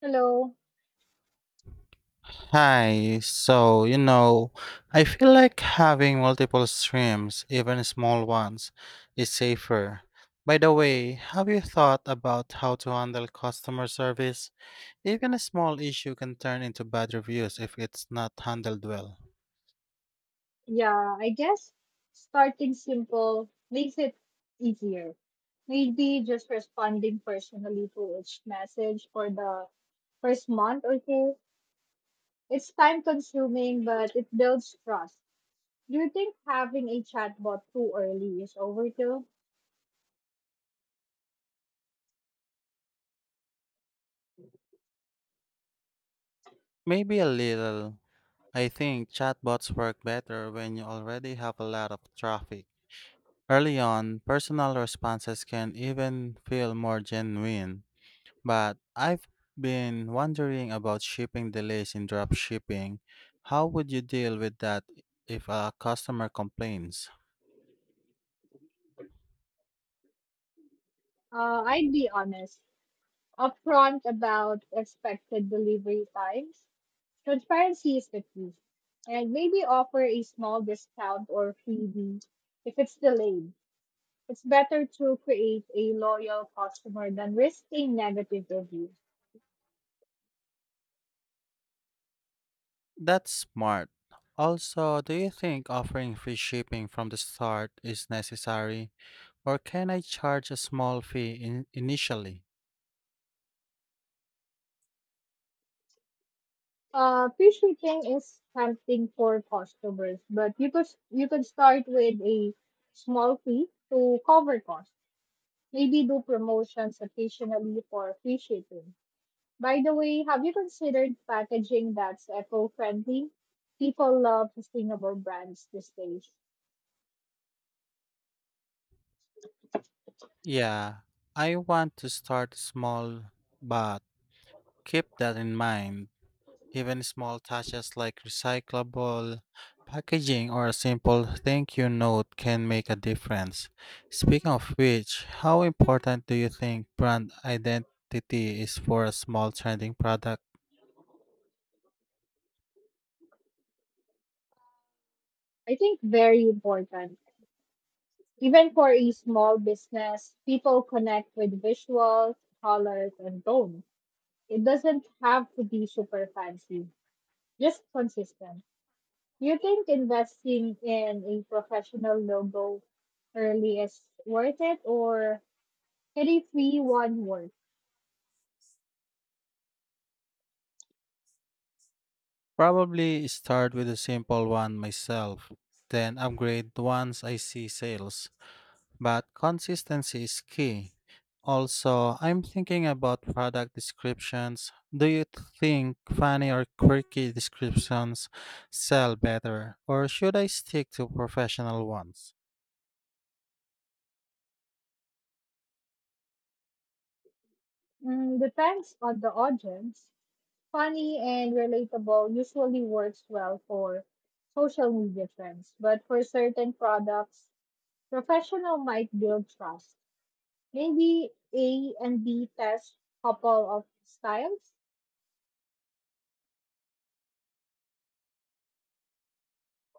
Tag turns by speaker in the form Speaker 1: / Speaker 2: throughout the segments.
Speaker 1: Hello.
Speaker 2: Hi, so you know, I feel like having multiple streams, even small ones, is safer. By the way, have you thought about how to handle customer service? Even a small issue can turn into bad reviews if it's not handled well.
Speaker 1: Yeah, I guess starting simple makes it easier. Maybe just responding personally to each message for the first month or two. It's time consuming, but it builds trust. Do you think having a chatbot too early is overkill?
Speaker 2: Maybe a little. I think chatbots work better when you already have a lot of traffic. Early on, personal responses can even feel more genuine. But I've been wondering about shipping delays in drop shipping. How would you deal with that if a customer complains?
Speaker 1: I'd be honest. Upfront about expected delivery times. Transparency is the key, and maybe offer a small discount or freebie if it's delayed. It's better to create a loyal customer than risk a negative review.
Speaker 2: That's smart. Also, do you think offering free shipping from the start is necessary, or can I charge a small fee initially?
Speaker 1: Fish eating is something for customers, but you could start with a small fee to cover costs. Maybe do promotions occasionally for fish eating. By the way, have you considered packaging that's eco friendly? People love sustainable brands these days.
Speaker 2: Yeah, I want to start small, but keep that in mind. Even small touches like recyclable packaging or a simple thank you note can make a difference. Speaking of which, how important do you think brand identity is for a small trending product?
Speaker 1: I think very important. Even for a small business, people connect with visuals, colors, and tone. It doesn't have to be super fancy, just consistent. Do you think investing in a professional logo early is worth it, or can a free one work?
Speaker 2: Probably start with a simple one myself, then upgrade once I see sales, but consistency is key. Also, I'm thinking about product descriptions. Do you think funny or quirky descriptions sell better, or should I stick to professional ones?
Speaker 1: Depends on the audience. Funny and relatable usually works well for social media trends, but for certain products, professional might build trust. Maybe A and B test couple of styles.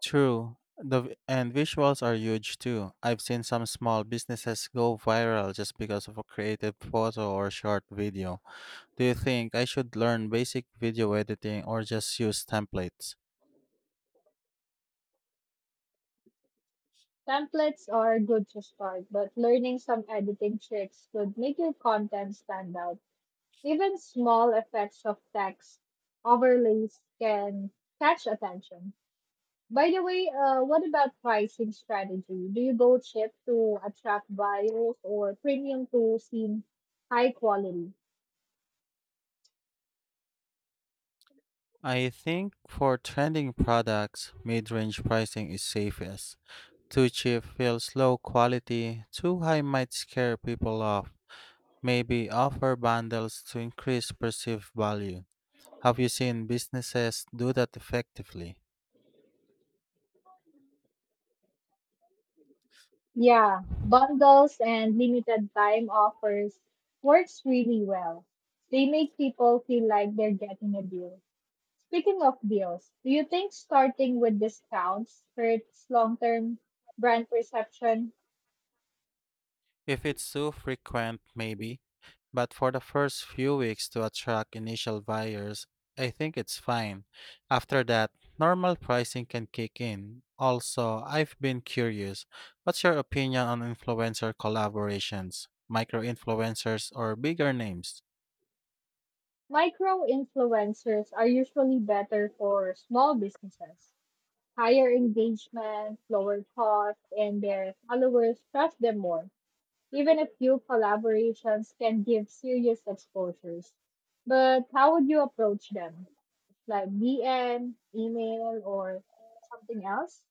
Speaker 2: True, the vi- and visuals are huge too. I've seen some small businesses go viral just because of a creative photo or short video. Do you think I should learn basic video editing or just use templates?
Speaker 1: Templates are good to start, but learning some editing tricks could make your content stand out. Even small effects of text overlays can catch attention. By the way, what about pricing strategy? Do you go cheap to attract buyers or premium to seem high quality?
Speaker 2: I think for trending products, mid-range pricing is safest. Too cheap feels low quality, too high might scare people off. Maybe offer bundles to increase perceived value. Have you seen businesses do that effectively?
Speaker 1: Yeah, bundles and limited time offers works really well. They make people feel like they're getting a deal. Speaking of deals, do you think starting with discounts hurts long-term brand perception?
Speaker 2: If it's too frequent, maybe. But for the first few weeks to attract initial buyers, I think it's fine. After that, normal pricing can kick in. Also, I've been curious. What's your opinion on influencer collaborations, micro influencers, or bigger names?
Speaker 1: Micro influencers are usually better for small businesses. Higher engagement, lower cost, and their followers trust them more. Even a few collaborations can give serious exposures. But how would you approach them? Like DM, email, or something else?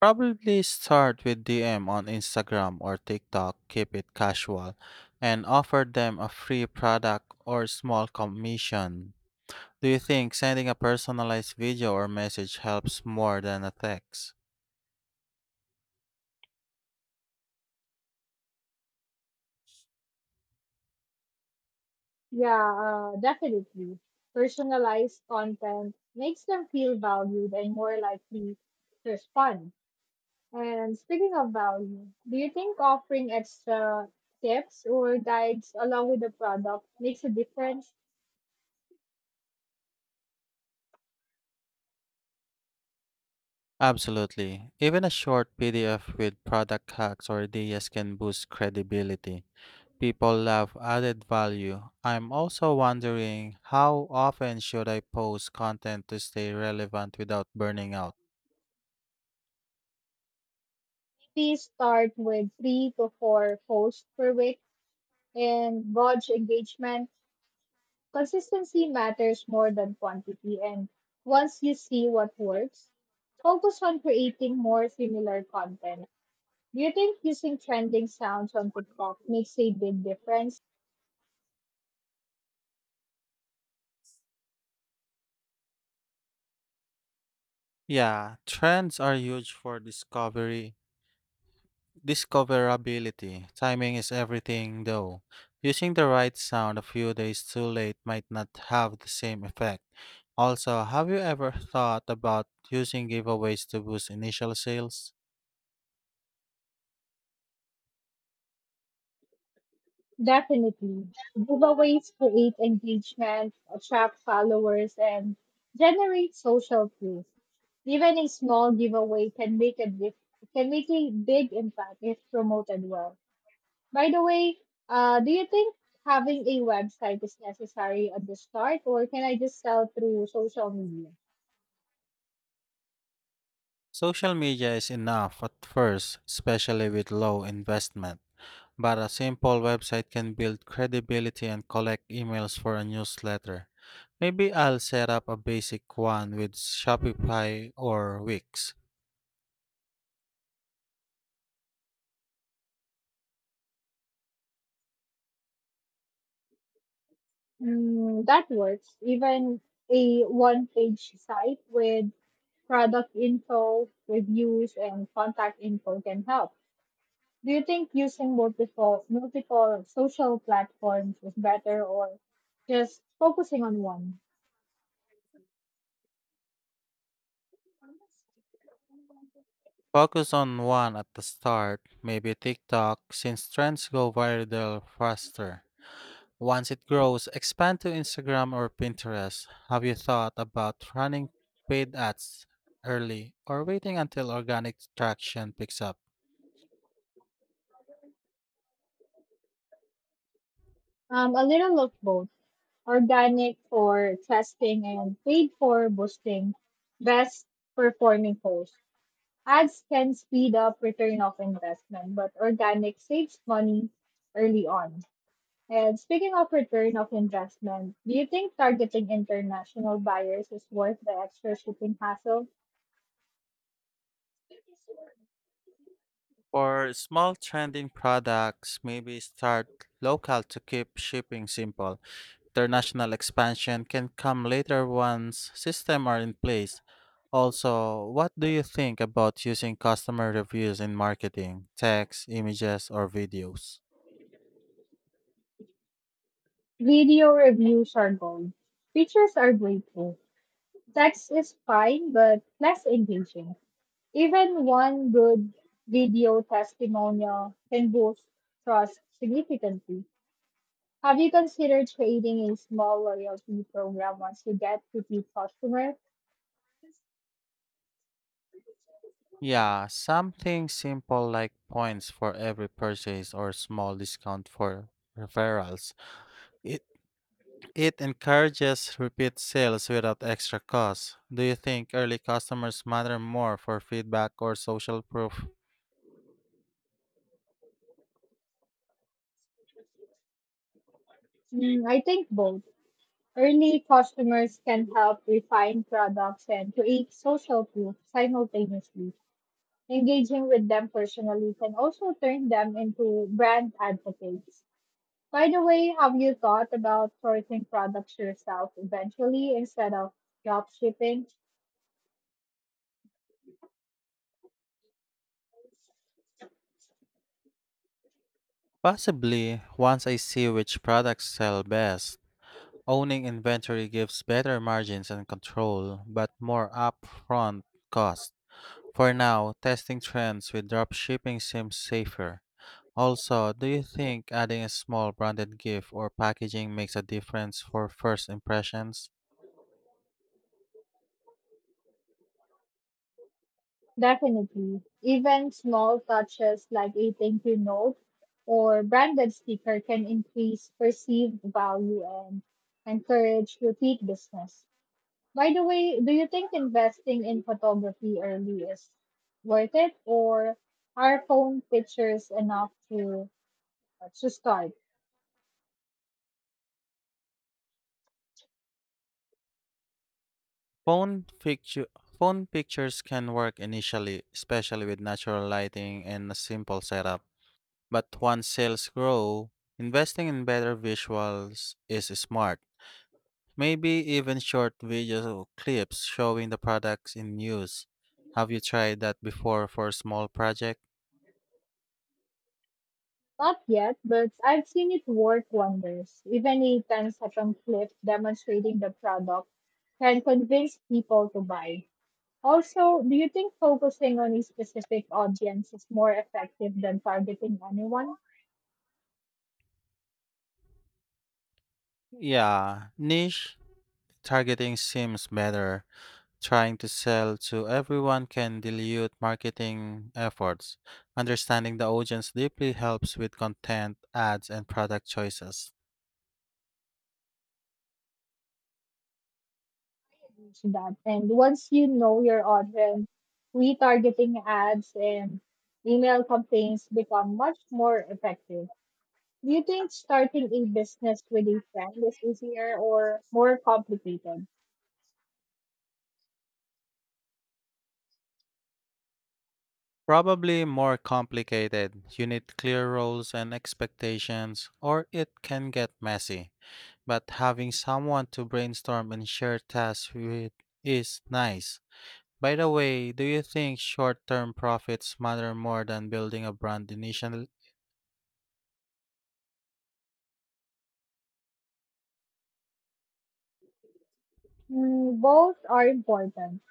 Speaker 2: Probably start with DM on Instagram or TikTok, keep it casual, and offer them a free product or small commission. Do you think sending a personalized video or message helps more than a text?
Speaker 1: Yeah, definitely. Personalized content makes them feel valued and more likely to respond. And speaking of value, do you think offering extra tips or guides along with the product makes a difference?
Speaker 2: Absolutely. Even a short PDF with product hacks or ideas can boost credibility. People love added value. I'm also wondering, how often should I post content to stay relevant without burning out?
Speaker 1: Maybe start with three to four posts per week and gauge engagement. Consistency matters more than quantity, and once you see what works, focus on creating more similar content. Do you think using trending sounds on TikTok makes a big difference?
Speaker 2: Yeah, trends are huge for discovery discoverability. Timing is everything, though. Using the right sound a few days too late might not have the same effect. Also, have you ever thought about using giveaways to boost initial sales?
Speaker 1: Definitely. Giveaways create engagement, attract followers, and generate social proof. Even a small giveaway can can make a big impact if promoted well. By the way, do you think having a website is necessary at the start, or can I just sell through social media?
Speaker 2: Social media is enough at first, especially with low investment, but a simple website can build credibility and collect emails for a newsletter. Maybe I'll set up a basic one with Shopify or Wix.
Speaker 1: That works. Even a one-page site with product info, reviews, and contact info can help. Do you think using multiple social platforms is better or just focusing on one?
Speaker 2: Focus on one at the start, maybe TikTok, since trends go viral faster. Once it grows, expand to Instagram or Pinterest. Have you thought about running paid ads early or waiting until organic traction picks up?
Speaker 1: A little of both, organic for testing and paid for boosting best performing posts. Ads can speed up return of investment, but organic saves money early on. And speaking of return of investment, do you think targeting international buyers is worth the extra shipping hassle?
Speaker 2: For small trending products, maybe start local to keep shipping simple. International expansion can come later once systems are in place. Also, what do you think about using customer reviews in marketing, text, images, or videos?
Speaker 1: Video reviews are gold. Pictures are great too. Text is fine but less engaging. Even one good video testimonial can boost trust significantly. Have you considered creating a small loyalty program once you get to repeat customers?
Speaker 2: Yeah, something simple like points for every purchase or small discount for referrals. It it encourages repeat sales without extra cost. Do you think early customers matter more for feedback or social proof?
Speaker 1: I think both. Early customers can help refine products and create social proof simultaneously. Engaging with them personally can also turn them into brand advocates. By the way, have you thought about sourcing products yourself eventually instead of drop shipping?
Speaker 2: Possibly, once I see which products sell best, owning inventory gives better margins and control, but more upfront cost. For now, testing trends with dropshipping seems safer. Also, do you think adding a small branded gift or packaging makes a difference for first impressions?
Speaker 1: Definitely. Even small touches like a thank you note or branded sticker can increase perceived value and encourage repeat business. By the way, do you think investing in photography early is worth it, or are phone pictures enough to start?
Speaker 2: Phone, pictu- phone pictures can work initially, especially with natural lighting and a simple setup. But once sales grow, investing in better visuals is smart. Maybe even short video clips showing the products in use. Have you tried that before for a small project?
Speaker 1: Not yet, but I've seen it work wonders. Even a ten-second clip demonstrating the product can convince people to buy. Also, do you think focusing on a specific audience is more effective than targeting anyone?
Speaker 2: Yeah, niche targeting seems better. Trying to sell to everyone can dilute marketing efforts. Understanding the audience deeply helps with content, ads, and product choices.
Speaker 1: Reach that. And once you know your audience, retargeting ads and email campaigns become much more effective. Do you think starting a business with a friend is easier or more complicated?
Speaker 2: Probably more complicated. You need clear roles and expectations, or it can get messy. But having someone to brainstorm and share tasks with is nice. By the way, do you think short term profits matter more than building a brand initially?
Speaker 1: Both are important.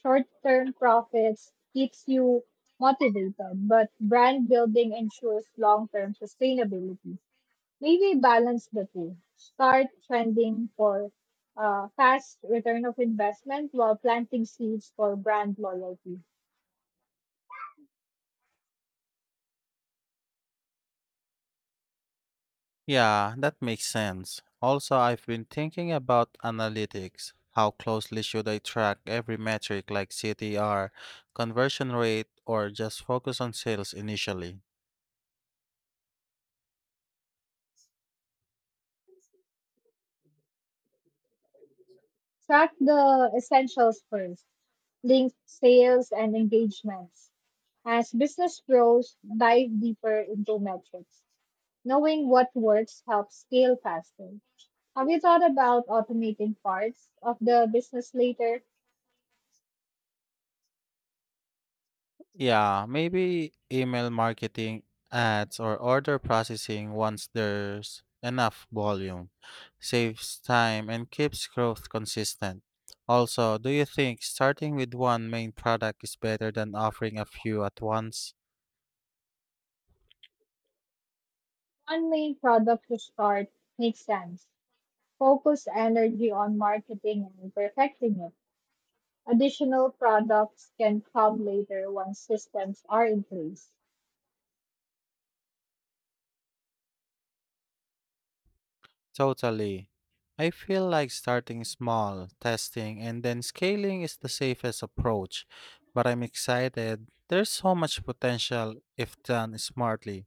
Speaker 1: Short-term profits keeps you motivated, but brand building ensures long-term sustainability. Maybe balance the two. Start trending for fast return of investment while planting seeds for brand loyalty.
Speaker 2: Yeah, that makes sense. Also, I've been thinking about analytics. How closely should I track every metric like CTR, conversion rate, or just focus on sales initially?
Speaker 1: Track the essentials first. Link sales and engagements. As business grows, dive deeper into metrics. Knowing what works helps scale faster. Have you thought about automating parts of the business later?
Speaker 2: Yeah, maybe email marketing, ads, or order processing once there's enough volume. Saves time and keeps growth consistent. Also, do you think starting with one main product is better than offering a few at once?
Speaker 1: One main product to start makes sense. Focus energy on marketing and perfecting it. Additional products can come later once systems are in place.
Speaker 2: Totally. I feel like starting small, testing, and then scaling is the safest approach. But I'm excited. There's so much potential if done smartly.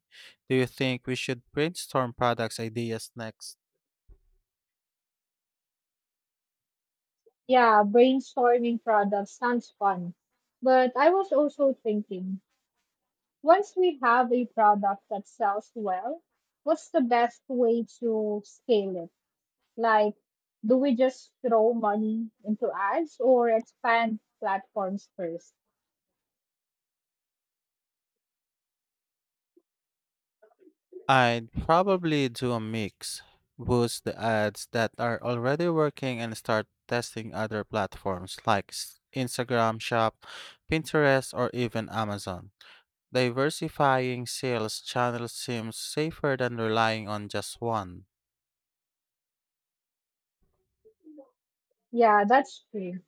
Speaker 2: Do you think we should brainstorm products ideas next?
Speaker 1: Yeah, brainstorming products sounds fun. But I was also thinking, once we have a product that sells well, what's the best way to scale it? Like, do we just throw money into ads or expand platforms first?
Speaker 2: I'd probably do a mix. Boost the ads that are already working and start testing other platforms like Instagram Shop, Pinterest, or even Amazon. Diversifying sales channels seems safer than relying on just one.
Speaker 1: Yeah, that's true.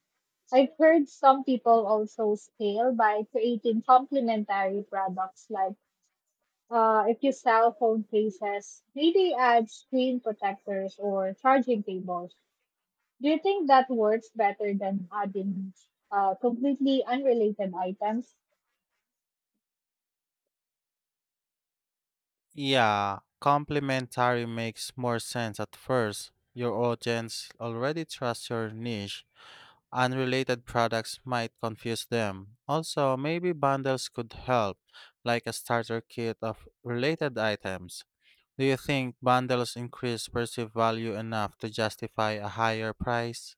Speaker 1: I've heard some people also scale by creating complementary products like if you sell phone cases, maybe add screen protectors or charging cables. Do you think that works better than adding completely unrelated items?
Speaker 2: Yeah, complementary makes more sense at first. Your audience already trusts your niche. Unrelated products might confuse them. Also, maybe bundles could help, like a starter kit of related items. Do you think bundles increase perceived value enough to justify a higher price?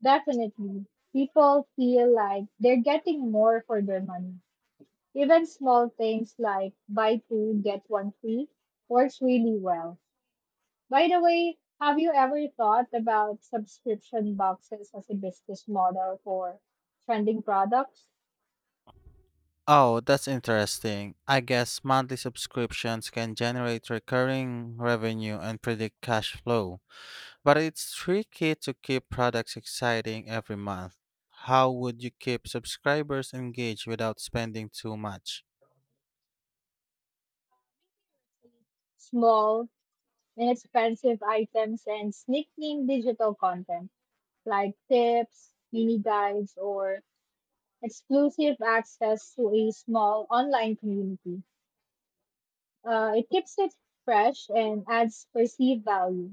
Speaker 1: Definitely. People feel like they're getting more for their money. Even small things like buy two, get one free works really well. By the way, have you ever thought about subscription boxes as a business model for trending products?
Speaker 2: Oh, that's interesting. I guess monthly subscriptions can generate recurring revenue and predict cash flow, but it's tricky to keep products exciting every month. How would you keep subscribers engaged without spending too much?
Speaker 1: Small, inexpensive items and sneaking digital content like tips, mini guides, or exclusive access to a small online community. It keeps it fresh and adds perceived value.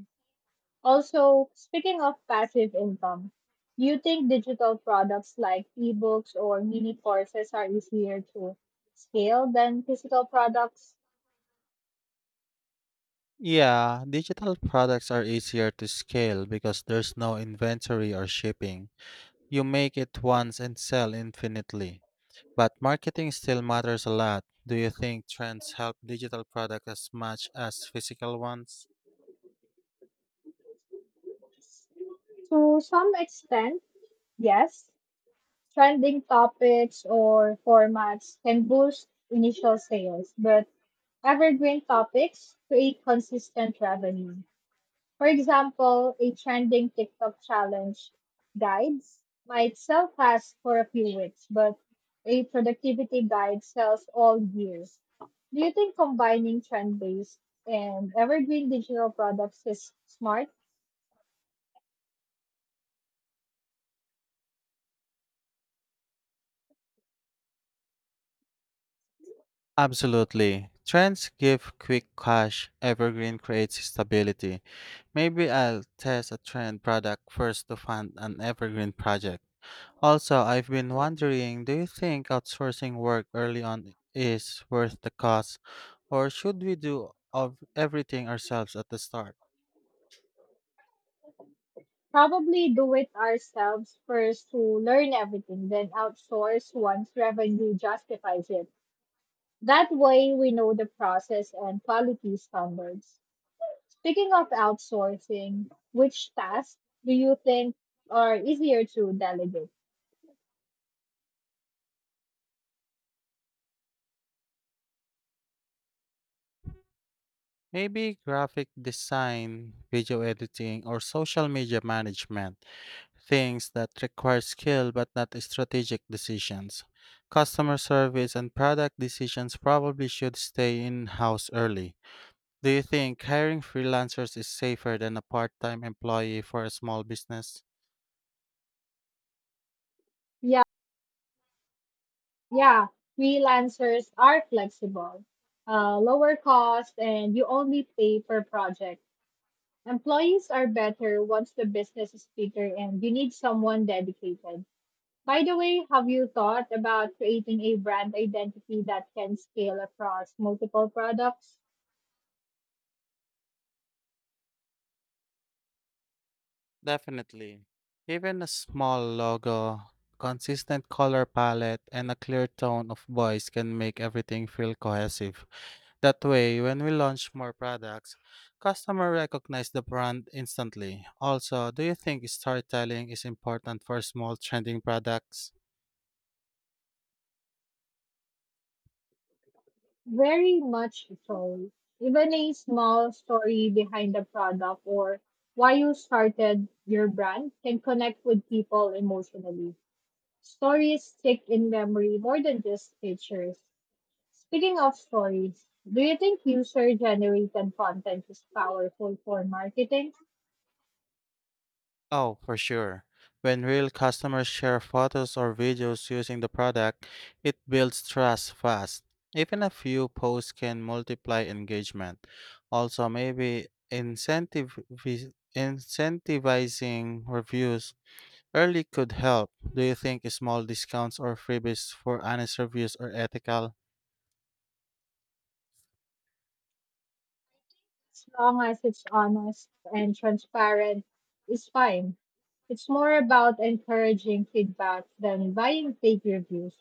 Speaker 1: Also, speaking of passive income, do you think digital products like ebooks or mini courses are easier to scale than physical products?
Speaker 2: Yeah, digital products are easier to scale because there's no inventory or shipping. You make it once and sell infinitely. But marketing still matters a lot. Do you think trends help digital products as much as physical ones?
Speaker 1: To some extent, yes. Trending topics or formats can boost initial sales, but evergreen topics create consistent revenue. For example, a trending TikTok challenge guide might sell fast for a few weeks, but a productivity guide sells all year. Do you think combining trend based and evergreen digital products is smart?
Speaker 2: Absolutely. Trends give quick cash, evergreen creates stability. Maybe I'll test a trend product first to fund an evergreen project. Also, I've been wondering, do you think outsourcing work early on is worth the cost, or should we do of everything ourselves at the start?
Speaker 1: Probably do it ourselves first to learn everything, then outsource once revenue justifies it. That way, we know the process and quality standards. Speaking of outsourcing, which tasks do you think are easier to delegate?
Speaker 2: Maybe graphic design, video editing, or social media management, things that require skill but not strategic decisions. Customer service and product decisions probably should stay in house early. Do you think hiring freelancers is safer than a part time employee for a small business?
Speaker 1: Yeah, yeah, freelancers are flexible, lower cost, and you only pay per project. Employees are better once the business is bigger and you need someone dedicated. By the way, have you thought about creating a brand identity that can scale across multiple products?
Speaker 2: Definitely. Even a small logo, consistent color palette, and a clear tone of voice can make everything feel cohesive. That way, when we launch more products, customers recognize the brand instantly. Also, do you think storytelling is important for small trending products?
Speaker 1: Very much so. Even a small story behind the product or why you started your brand can connect with people emotionally. Stories stick in memory more than just pictures. Speaking of stories, do you think user generated content is powerful for marketing?
Speaker 2: Oh, for sure. When real customers share photos or videos using the product, it builds trust fast. Even a few posts can multiply engagement. Also, maybe incentive incentivizing reviews early could help. Do you think small discounts or freebies for honest reviews are ethical?
Speaker 1: As long as it's honest and transparent, it's fine. It's more about encouraging feedback than buying fake reviews.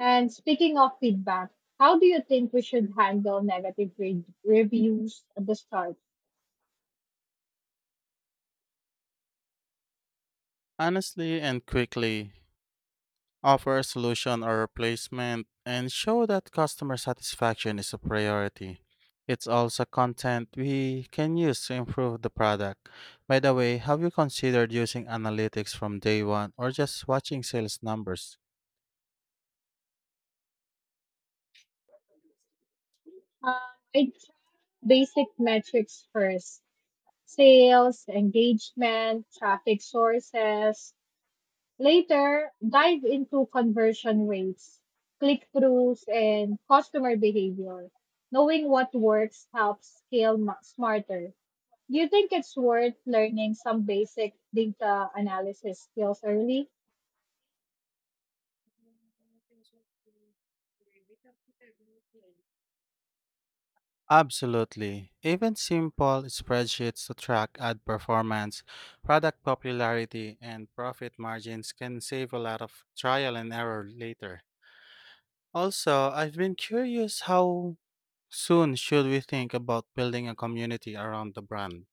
Speaker 1: And speaking of feedback, how do you think we should handle reviews at the start?
Speaker 2: Honestly and quickly, offer a solution or replacement and show that customer satisfaction is a priority. It's also content we can use to improve the product. By the way, have you considered using analytics from day one or just watching sales numbers?
Speaker 1: Um, I basic metrics first: sales, engagement, traffic sources. Later, dive into conversion rates, click-throughs, and customer behavior. Knowing what works helps smarter. Do you think it's worth learning some basic data analysis skills early?
Speaker 2: Absolutely. Even simple spreadsheets to track ad performance, product popularity, and profit margins can save a lot of trial and error later. Also, I've been curious, how soon should we think about building a community around the brand?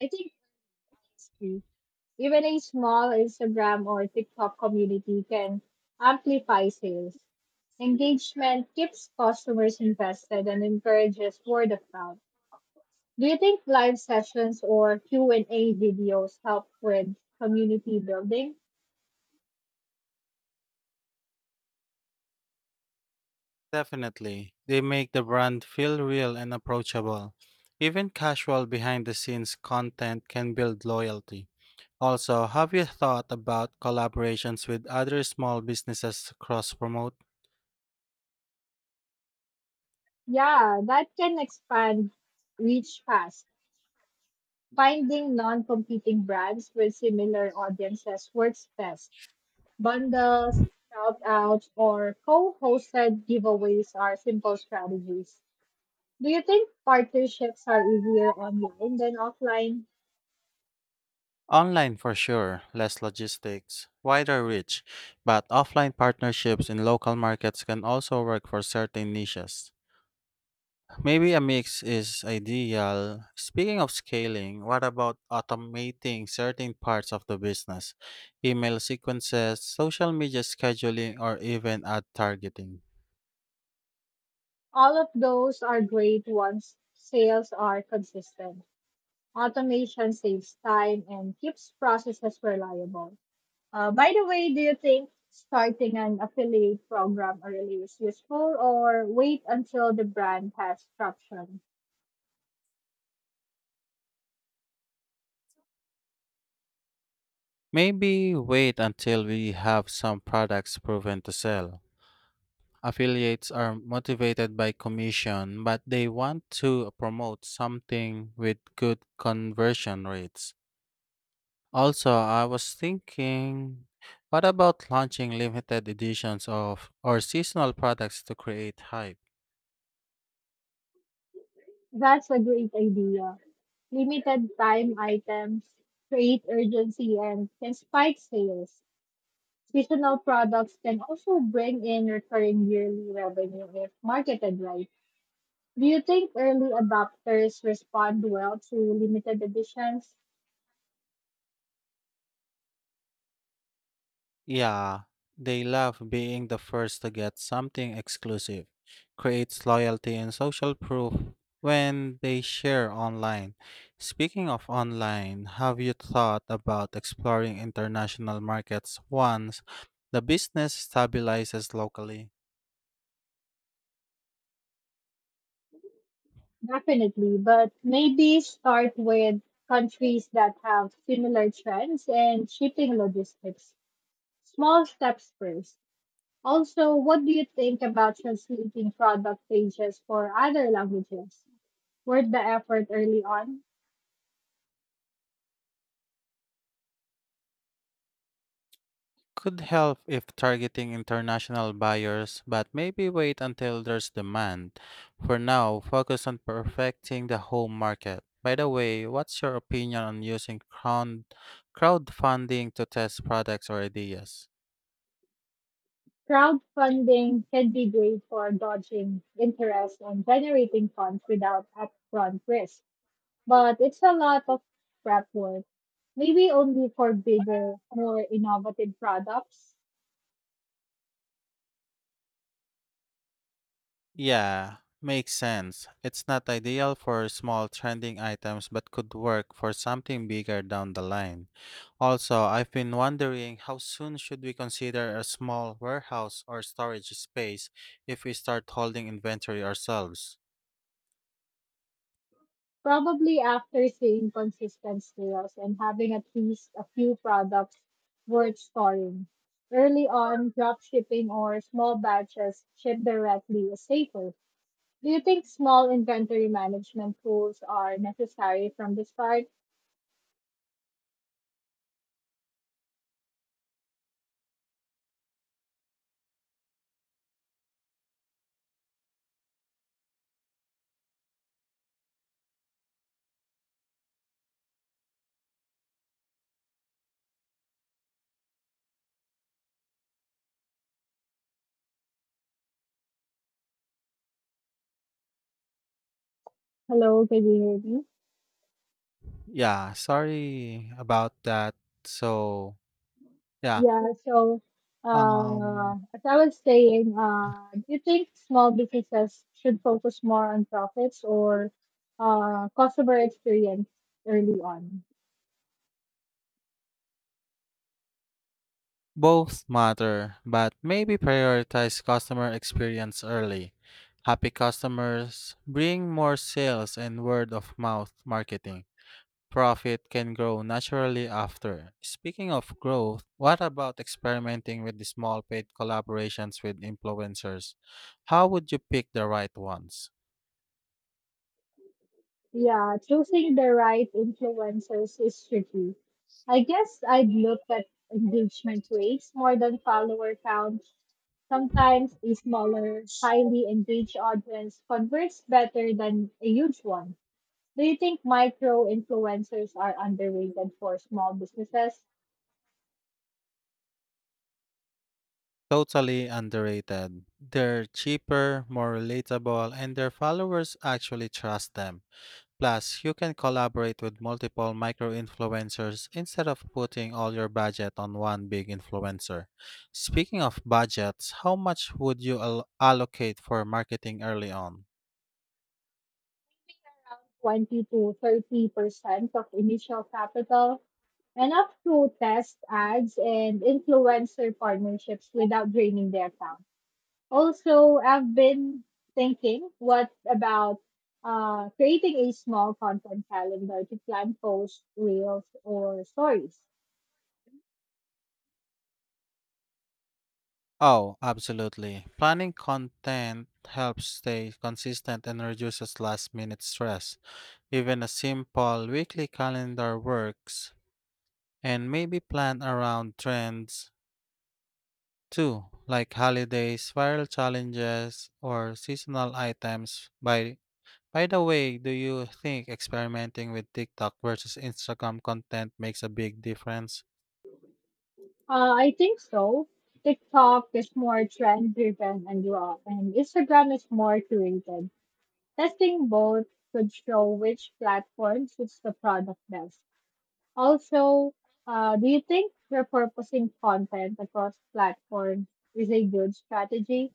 Speaker 1: I think. It's Even a small Instagram or TikTok community can amplify sales. Engagement keeps customers invested and encourages word of mouth. Do you think live sessions or Q&A videos help with community building?
Speaker 2: Definitely. They make the brand feel real and approachable. Even casual behind the scenes content can build loyalty. Also, have you thought about collaborations with other small businesses to cross promote?
Speaker 1: Yeah, that can expand reach fast. Finding non-competing brands with similar audiences works best. Bundles, shout outs, or co hosted giveaways are simple strategies. Do you think partnerships are easier online than offline?
Speaker 2: Online for sure, less logistics, wider reach, but offline partnerships in local markets can also work for certain niches. Maybe a mix is ideal. Speaking of scaling, what about automating certain parts of the business? Email sequences, social media scheduling, or even ad targeting?
Speaker 1: All of those are great once sales are consistent. Automation saves time and keeps processes reliable. By the way, do you think starting an affiliate program early is useful or wait until the brand has traction?
Speaker 2: Maybe wait until we have some products proven to sell. Affiliates are motivated by commission, but they want to promote something with good conversion rates. Also, I was thinking, what about launching limited editions of or seasonal products to create hype?
Speaker 1: That's a great idea. Limited time items create urgency and can spike sales. Seasonal products can also bring in recurring yearly revenue if marketed right. Do you think early adopters respond well to limited editions?
Speaker 2: Yeah, they love being the first to get something exclusive. Creates loyalty and social proof when they share online. Speaking of online, have you thought about exploring international markets once the business stabilizes locally?
Speaker 1: Definitely, but maybe start with countries that have similar trends and shipping logistics. Small steps first. Also, what do you think about translating product pages for other languages? Worth the effort early on.
Speaker 2: Could help if targeting international buyers, but maybe wait until there's demand. For now, focus on perfecting the home market. By the way, what's your opinion on using crowdfunding to test products or ideas?
Speaker 1: Crowdfunding can be great for dodging interest and generating funds without upfront risk, but it's a lot of prep work. Maybe only for bigger, more innovative products.
Speaker 2: Yeah, makes sense. It's not ideal for small trending items but could work for something bigger down the line. Also, I've been wondering, how soon should we consider a small warehouse or storage space if we start holding inventory ourselves?
Speaker 1: Probably after seeing consistent sales and having at least a few products worth storing. Early on, drop shipping or small batches ship directly is safer. Do you think small inventory management tools are necessary from the start? Hello, can you hear me?
Speaker 2: Yeah, sorry about that. So, yeah,
Speaker 1: Yeah, so
Speaker 2: um
Speaker 1: as I was saying, do you think small businesses should focus more on profits or customer experience early on?
Speaker 2: both matter, but maybe prioritize customer experience early. Happy customers bring more sales and word of mouth marketing. Profit can grow naturally after. Speaking of growth, what about experimenting with the small paid collaborations with influencers? How would you pick the right ones?
Speaker 1: Yeah, choosing the right influencers is tricky. I guess I'd look at engagement rates more than follower count. Sometimes a smaller, highly engaged audience converts better than a huge one. Do you think micro influencers are underrated for small businesses?
Speaker 2: Totally underrated. They're cheaper, more relatable, and their followers actually trust them. Plus, you can collaborate with multiple micro influencers instead of putting all your budget on one big influencer. Speaking of budgets, how much would you allocate for marketing early on?
Speaker 1: 20 to 30% of initial capital enough to test ads and influencer partnerships without draining their account. Also, I've been thinking, what about creating a small content calendar to plan posts, reels, or stories?
Speaker 2: Oh, absolutely. Planning content helps stay consistent and reduces last minute stress. Even a simple weekly calendar works, and maybe plan around trends Two, like holidays, viral challenges, or seasonal items. By the way, do you think experimenting with TikTok versus Instagram content makes a big difference?
Speaker 1: I think so. TikTok is more trend driven and raw, and Instagram is more curated. Testing both could show which platform suits the product best. Also, do you think repurposing content across platforms is a good strategy?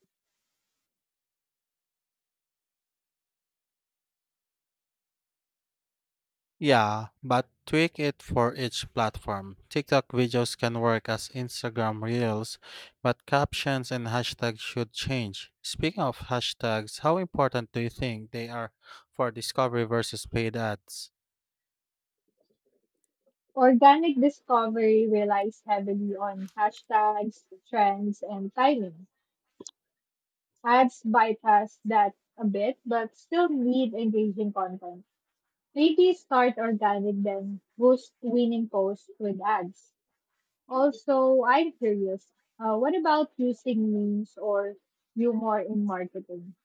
Speaker 2: Yeah, but tweak it for each platform. TikTok videos can work as Instagram reels, but captions and hashtags should change. Speaking of hashtags, how important do you think they are for discovery versus paid ads?
Speaker 1: Organic discovery relies heavily on hashtags, trends, and timing. Ads bypass that a bit, but still need engaging content. Maybe start organic then. Boost winning posts with ads. Also, I'm curious. What about using memes or humor in marketing?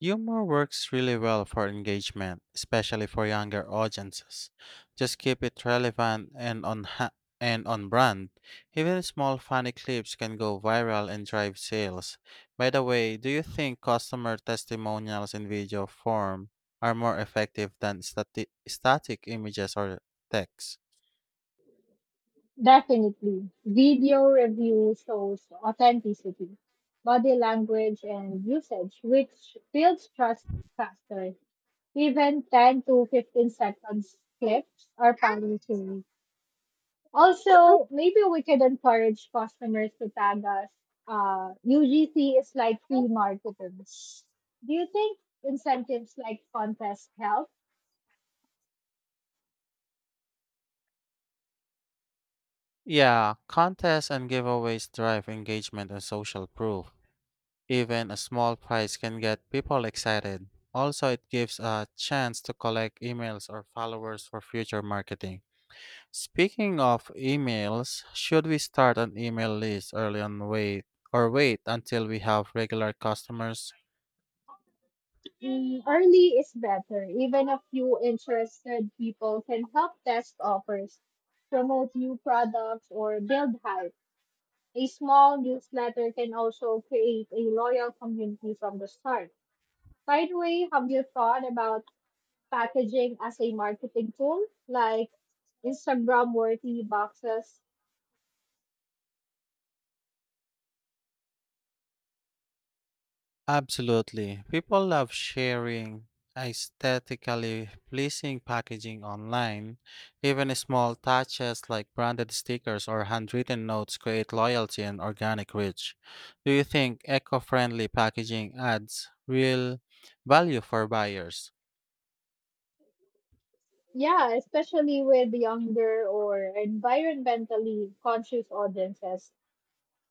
Speaker 2: Humor works really well for engagement, especially for younger audiences. Just keep it relevant and and on brand. Even small funny clips can go viral and drive sales. By the way, do you think customer testimonials in video form are more effective than static images or text?
Speaker 1: Definitely. Video review shows authenticity, body language, and usage, which builds trust faster. Even 10 to 15 seconds clips are powerful. Also, maybe we could encourage customers to tag us. UGC is like free marketing. Do you think incentives like contest help?
Speaker 2: Yeah, contests and giveaways drive engagement and social proof. Even a small prize can get people excited. Also, it gives a chance to collect emails or followers for future marketing. Speaking of emails, should we start an email list early on wait or wait until we have regular customers?
Speaker 1: Early is better. Even a few interested people can help test offers, promote new products, or build hype. A small newsletter can also create a loyal community from the start. By the way, have you thought about packaging as a marketing tool, like Instagram worthy boxes.
Speaker 2: Absolutely. People love sharing aesthetically pleasing packaging online. Even small touches like branded stickers or handwritten notes create loyalty and organic reach. Do you think eco friendly packaging adds real value for buyers?
Speaker 1: Yeah, especially with younger or environmentally conscious audiences.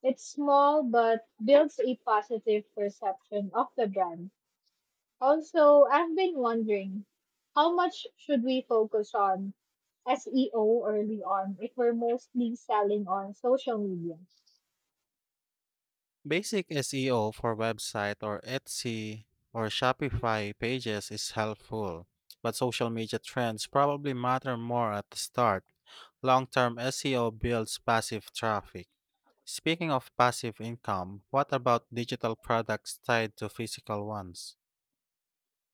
Speaker 1: It's small but builds a positive perception of the brand. Also, I've been wondering how much should we focus on SEO early on if we're mostly selling on social media?
Speaker 2: Basic SEO for website or Etsy or Shopify pages is helpful, but social media trends probably matter more at the start. Long term SEO builds passive traffic. Speaking of passive income, what about digital products tied to physical ones?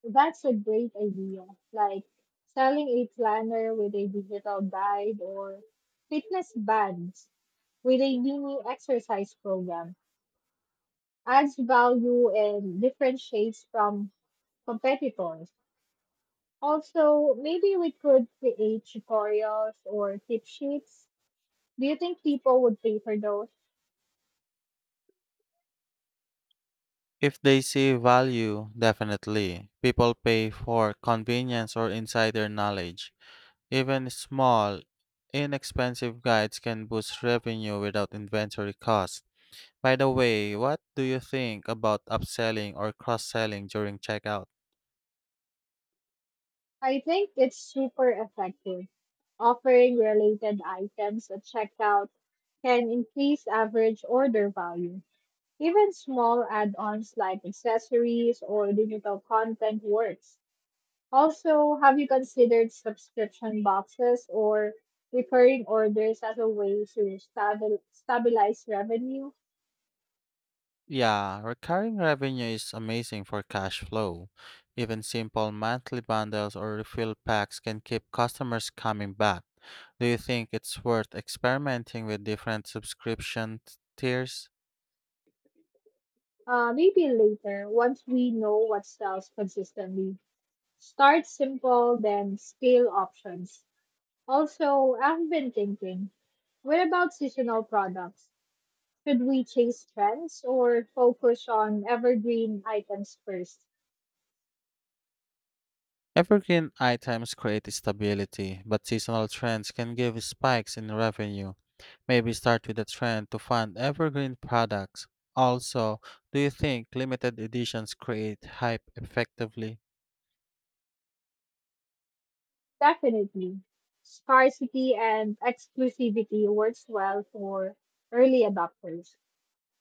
Speaker 1: That's a great idea. Like selling a planner with a digital guide or fitness bands with a mini exercise program adds value and differentiates from competitors. Also, maybe we could create tutorials or tip sheets. Do you think people would pay for those?
Speaker 2: If they see value, definitely. People pay for convenience or insider knowledge. Even small, inexpensive guides can boost revenue without inventory costs. By the way, what do you think about upselling or cross selling during checkout?
Speaker 1: I think it's super effective. Offering related items at checkout can increase average order value. Even small add ons like accessories or digital content works. Also, have you considered subscription boxes or recurring orders as a way to stabilize revenue?
Speaker 2: Yeah, recurring revenue is amazing for cash flow. Even simple monthly bundles or refill packs can keep customers coming back. Do you think it's worth experimenting with different subscription tiers?
Speaker 1: Maybe later, once we know what sells consistently. Start simple, then scale options. Also, I've been thinking what about seasonal products? Should we chase trends or focus on evergreen items first?
Speaker 2: Evergreen items create stability, but seasonal trends can give spikes in revenue. Maybe start with a trend to fund evergreen products. Also, do you think limited editions create hype effectively?
Speaker 1: Definitely. Scarcity and exclusivity works well for early adopters.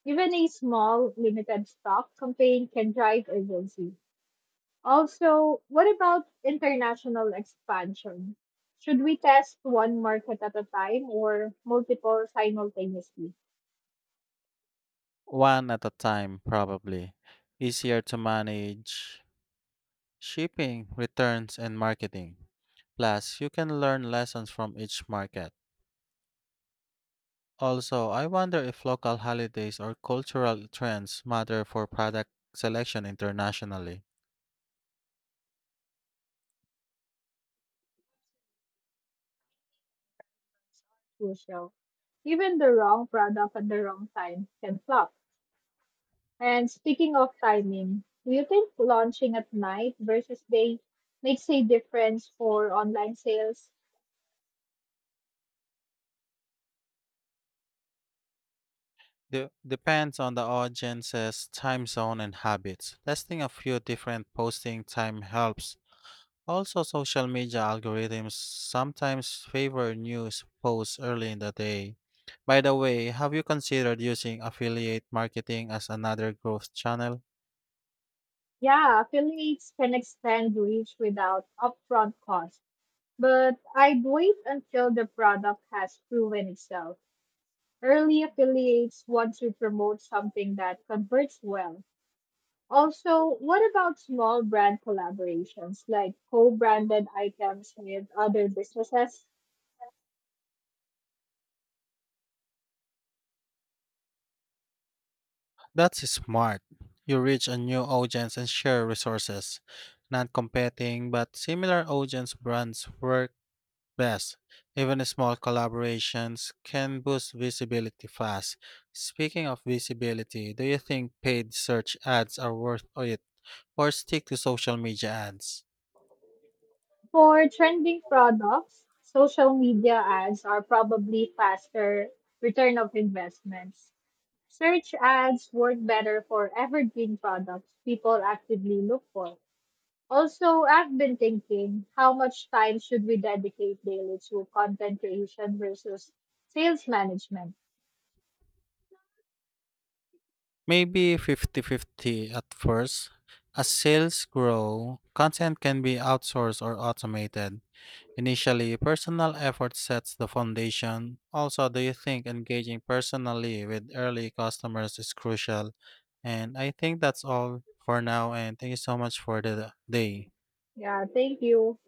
Speaker 1: Even a small limited stock campaign can drive urgency. Also, what about international expansion? Should we test one market at a time or multiple simultaneously?
Speaker 2: One at a time, probably. Easier to manage shipping, returns, and marketing. Plus, you can learn lessons from each market. Also, I wonder if local holidays or cultural trends matter for product selection internationally.
Speaker 1: Crucial. Even the wrong product at the wrong time can flop. And speaking of timing, do you think launching at night versus day makes a difference for online sales?
Speaker 2: Depends on the audience's time zone and habits. Testing a few different posting time helps. Also, social media algorithms sometimes favor news posts early in the day. By the way, have you considered using affiliate marketing as another growth channel?
Speaker 1: Yeah, affiliates can extend reach without upfront cost, but I'd wait until the product has proven itself. Early affiliates want to promote something that converts well. Also, what about small brand collaborations like co branded items with other businesses?
Speaker 2: That's smart. You reach a new audience and share resources. Non-competing but similar audience brands work best. Even small collaborations can boost visibility fast. Speaking of visibility, do you think paid search ads are worth it or stick to social media ads?
Speaker 1: For trending products, social media ads are probably faster return of investments. Search ads work better for evergreen products people actively look for. Also, I've been thinking how much time should we dedicate daily to content creation versus sales management?
Speaker 2: Maybe fifty-fifty at first. As sales grow, content can be outsourced or automated. Initially, personal effort sets the foundation. Also, do you think engaging personally with early customers is crucial? And I think that's all for now, and thank you so much for the day.
Speaker 1: Yeah, thank you.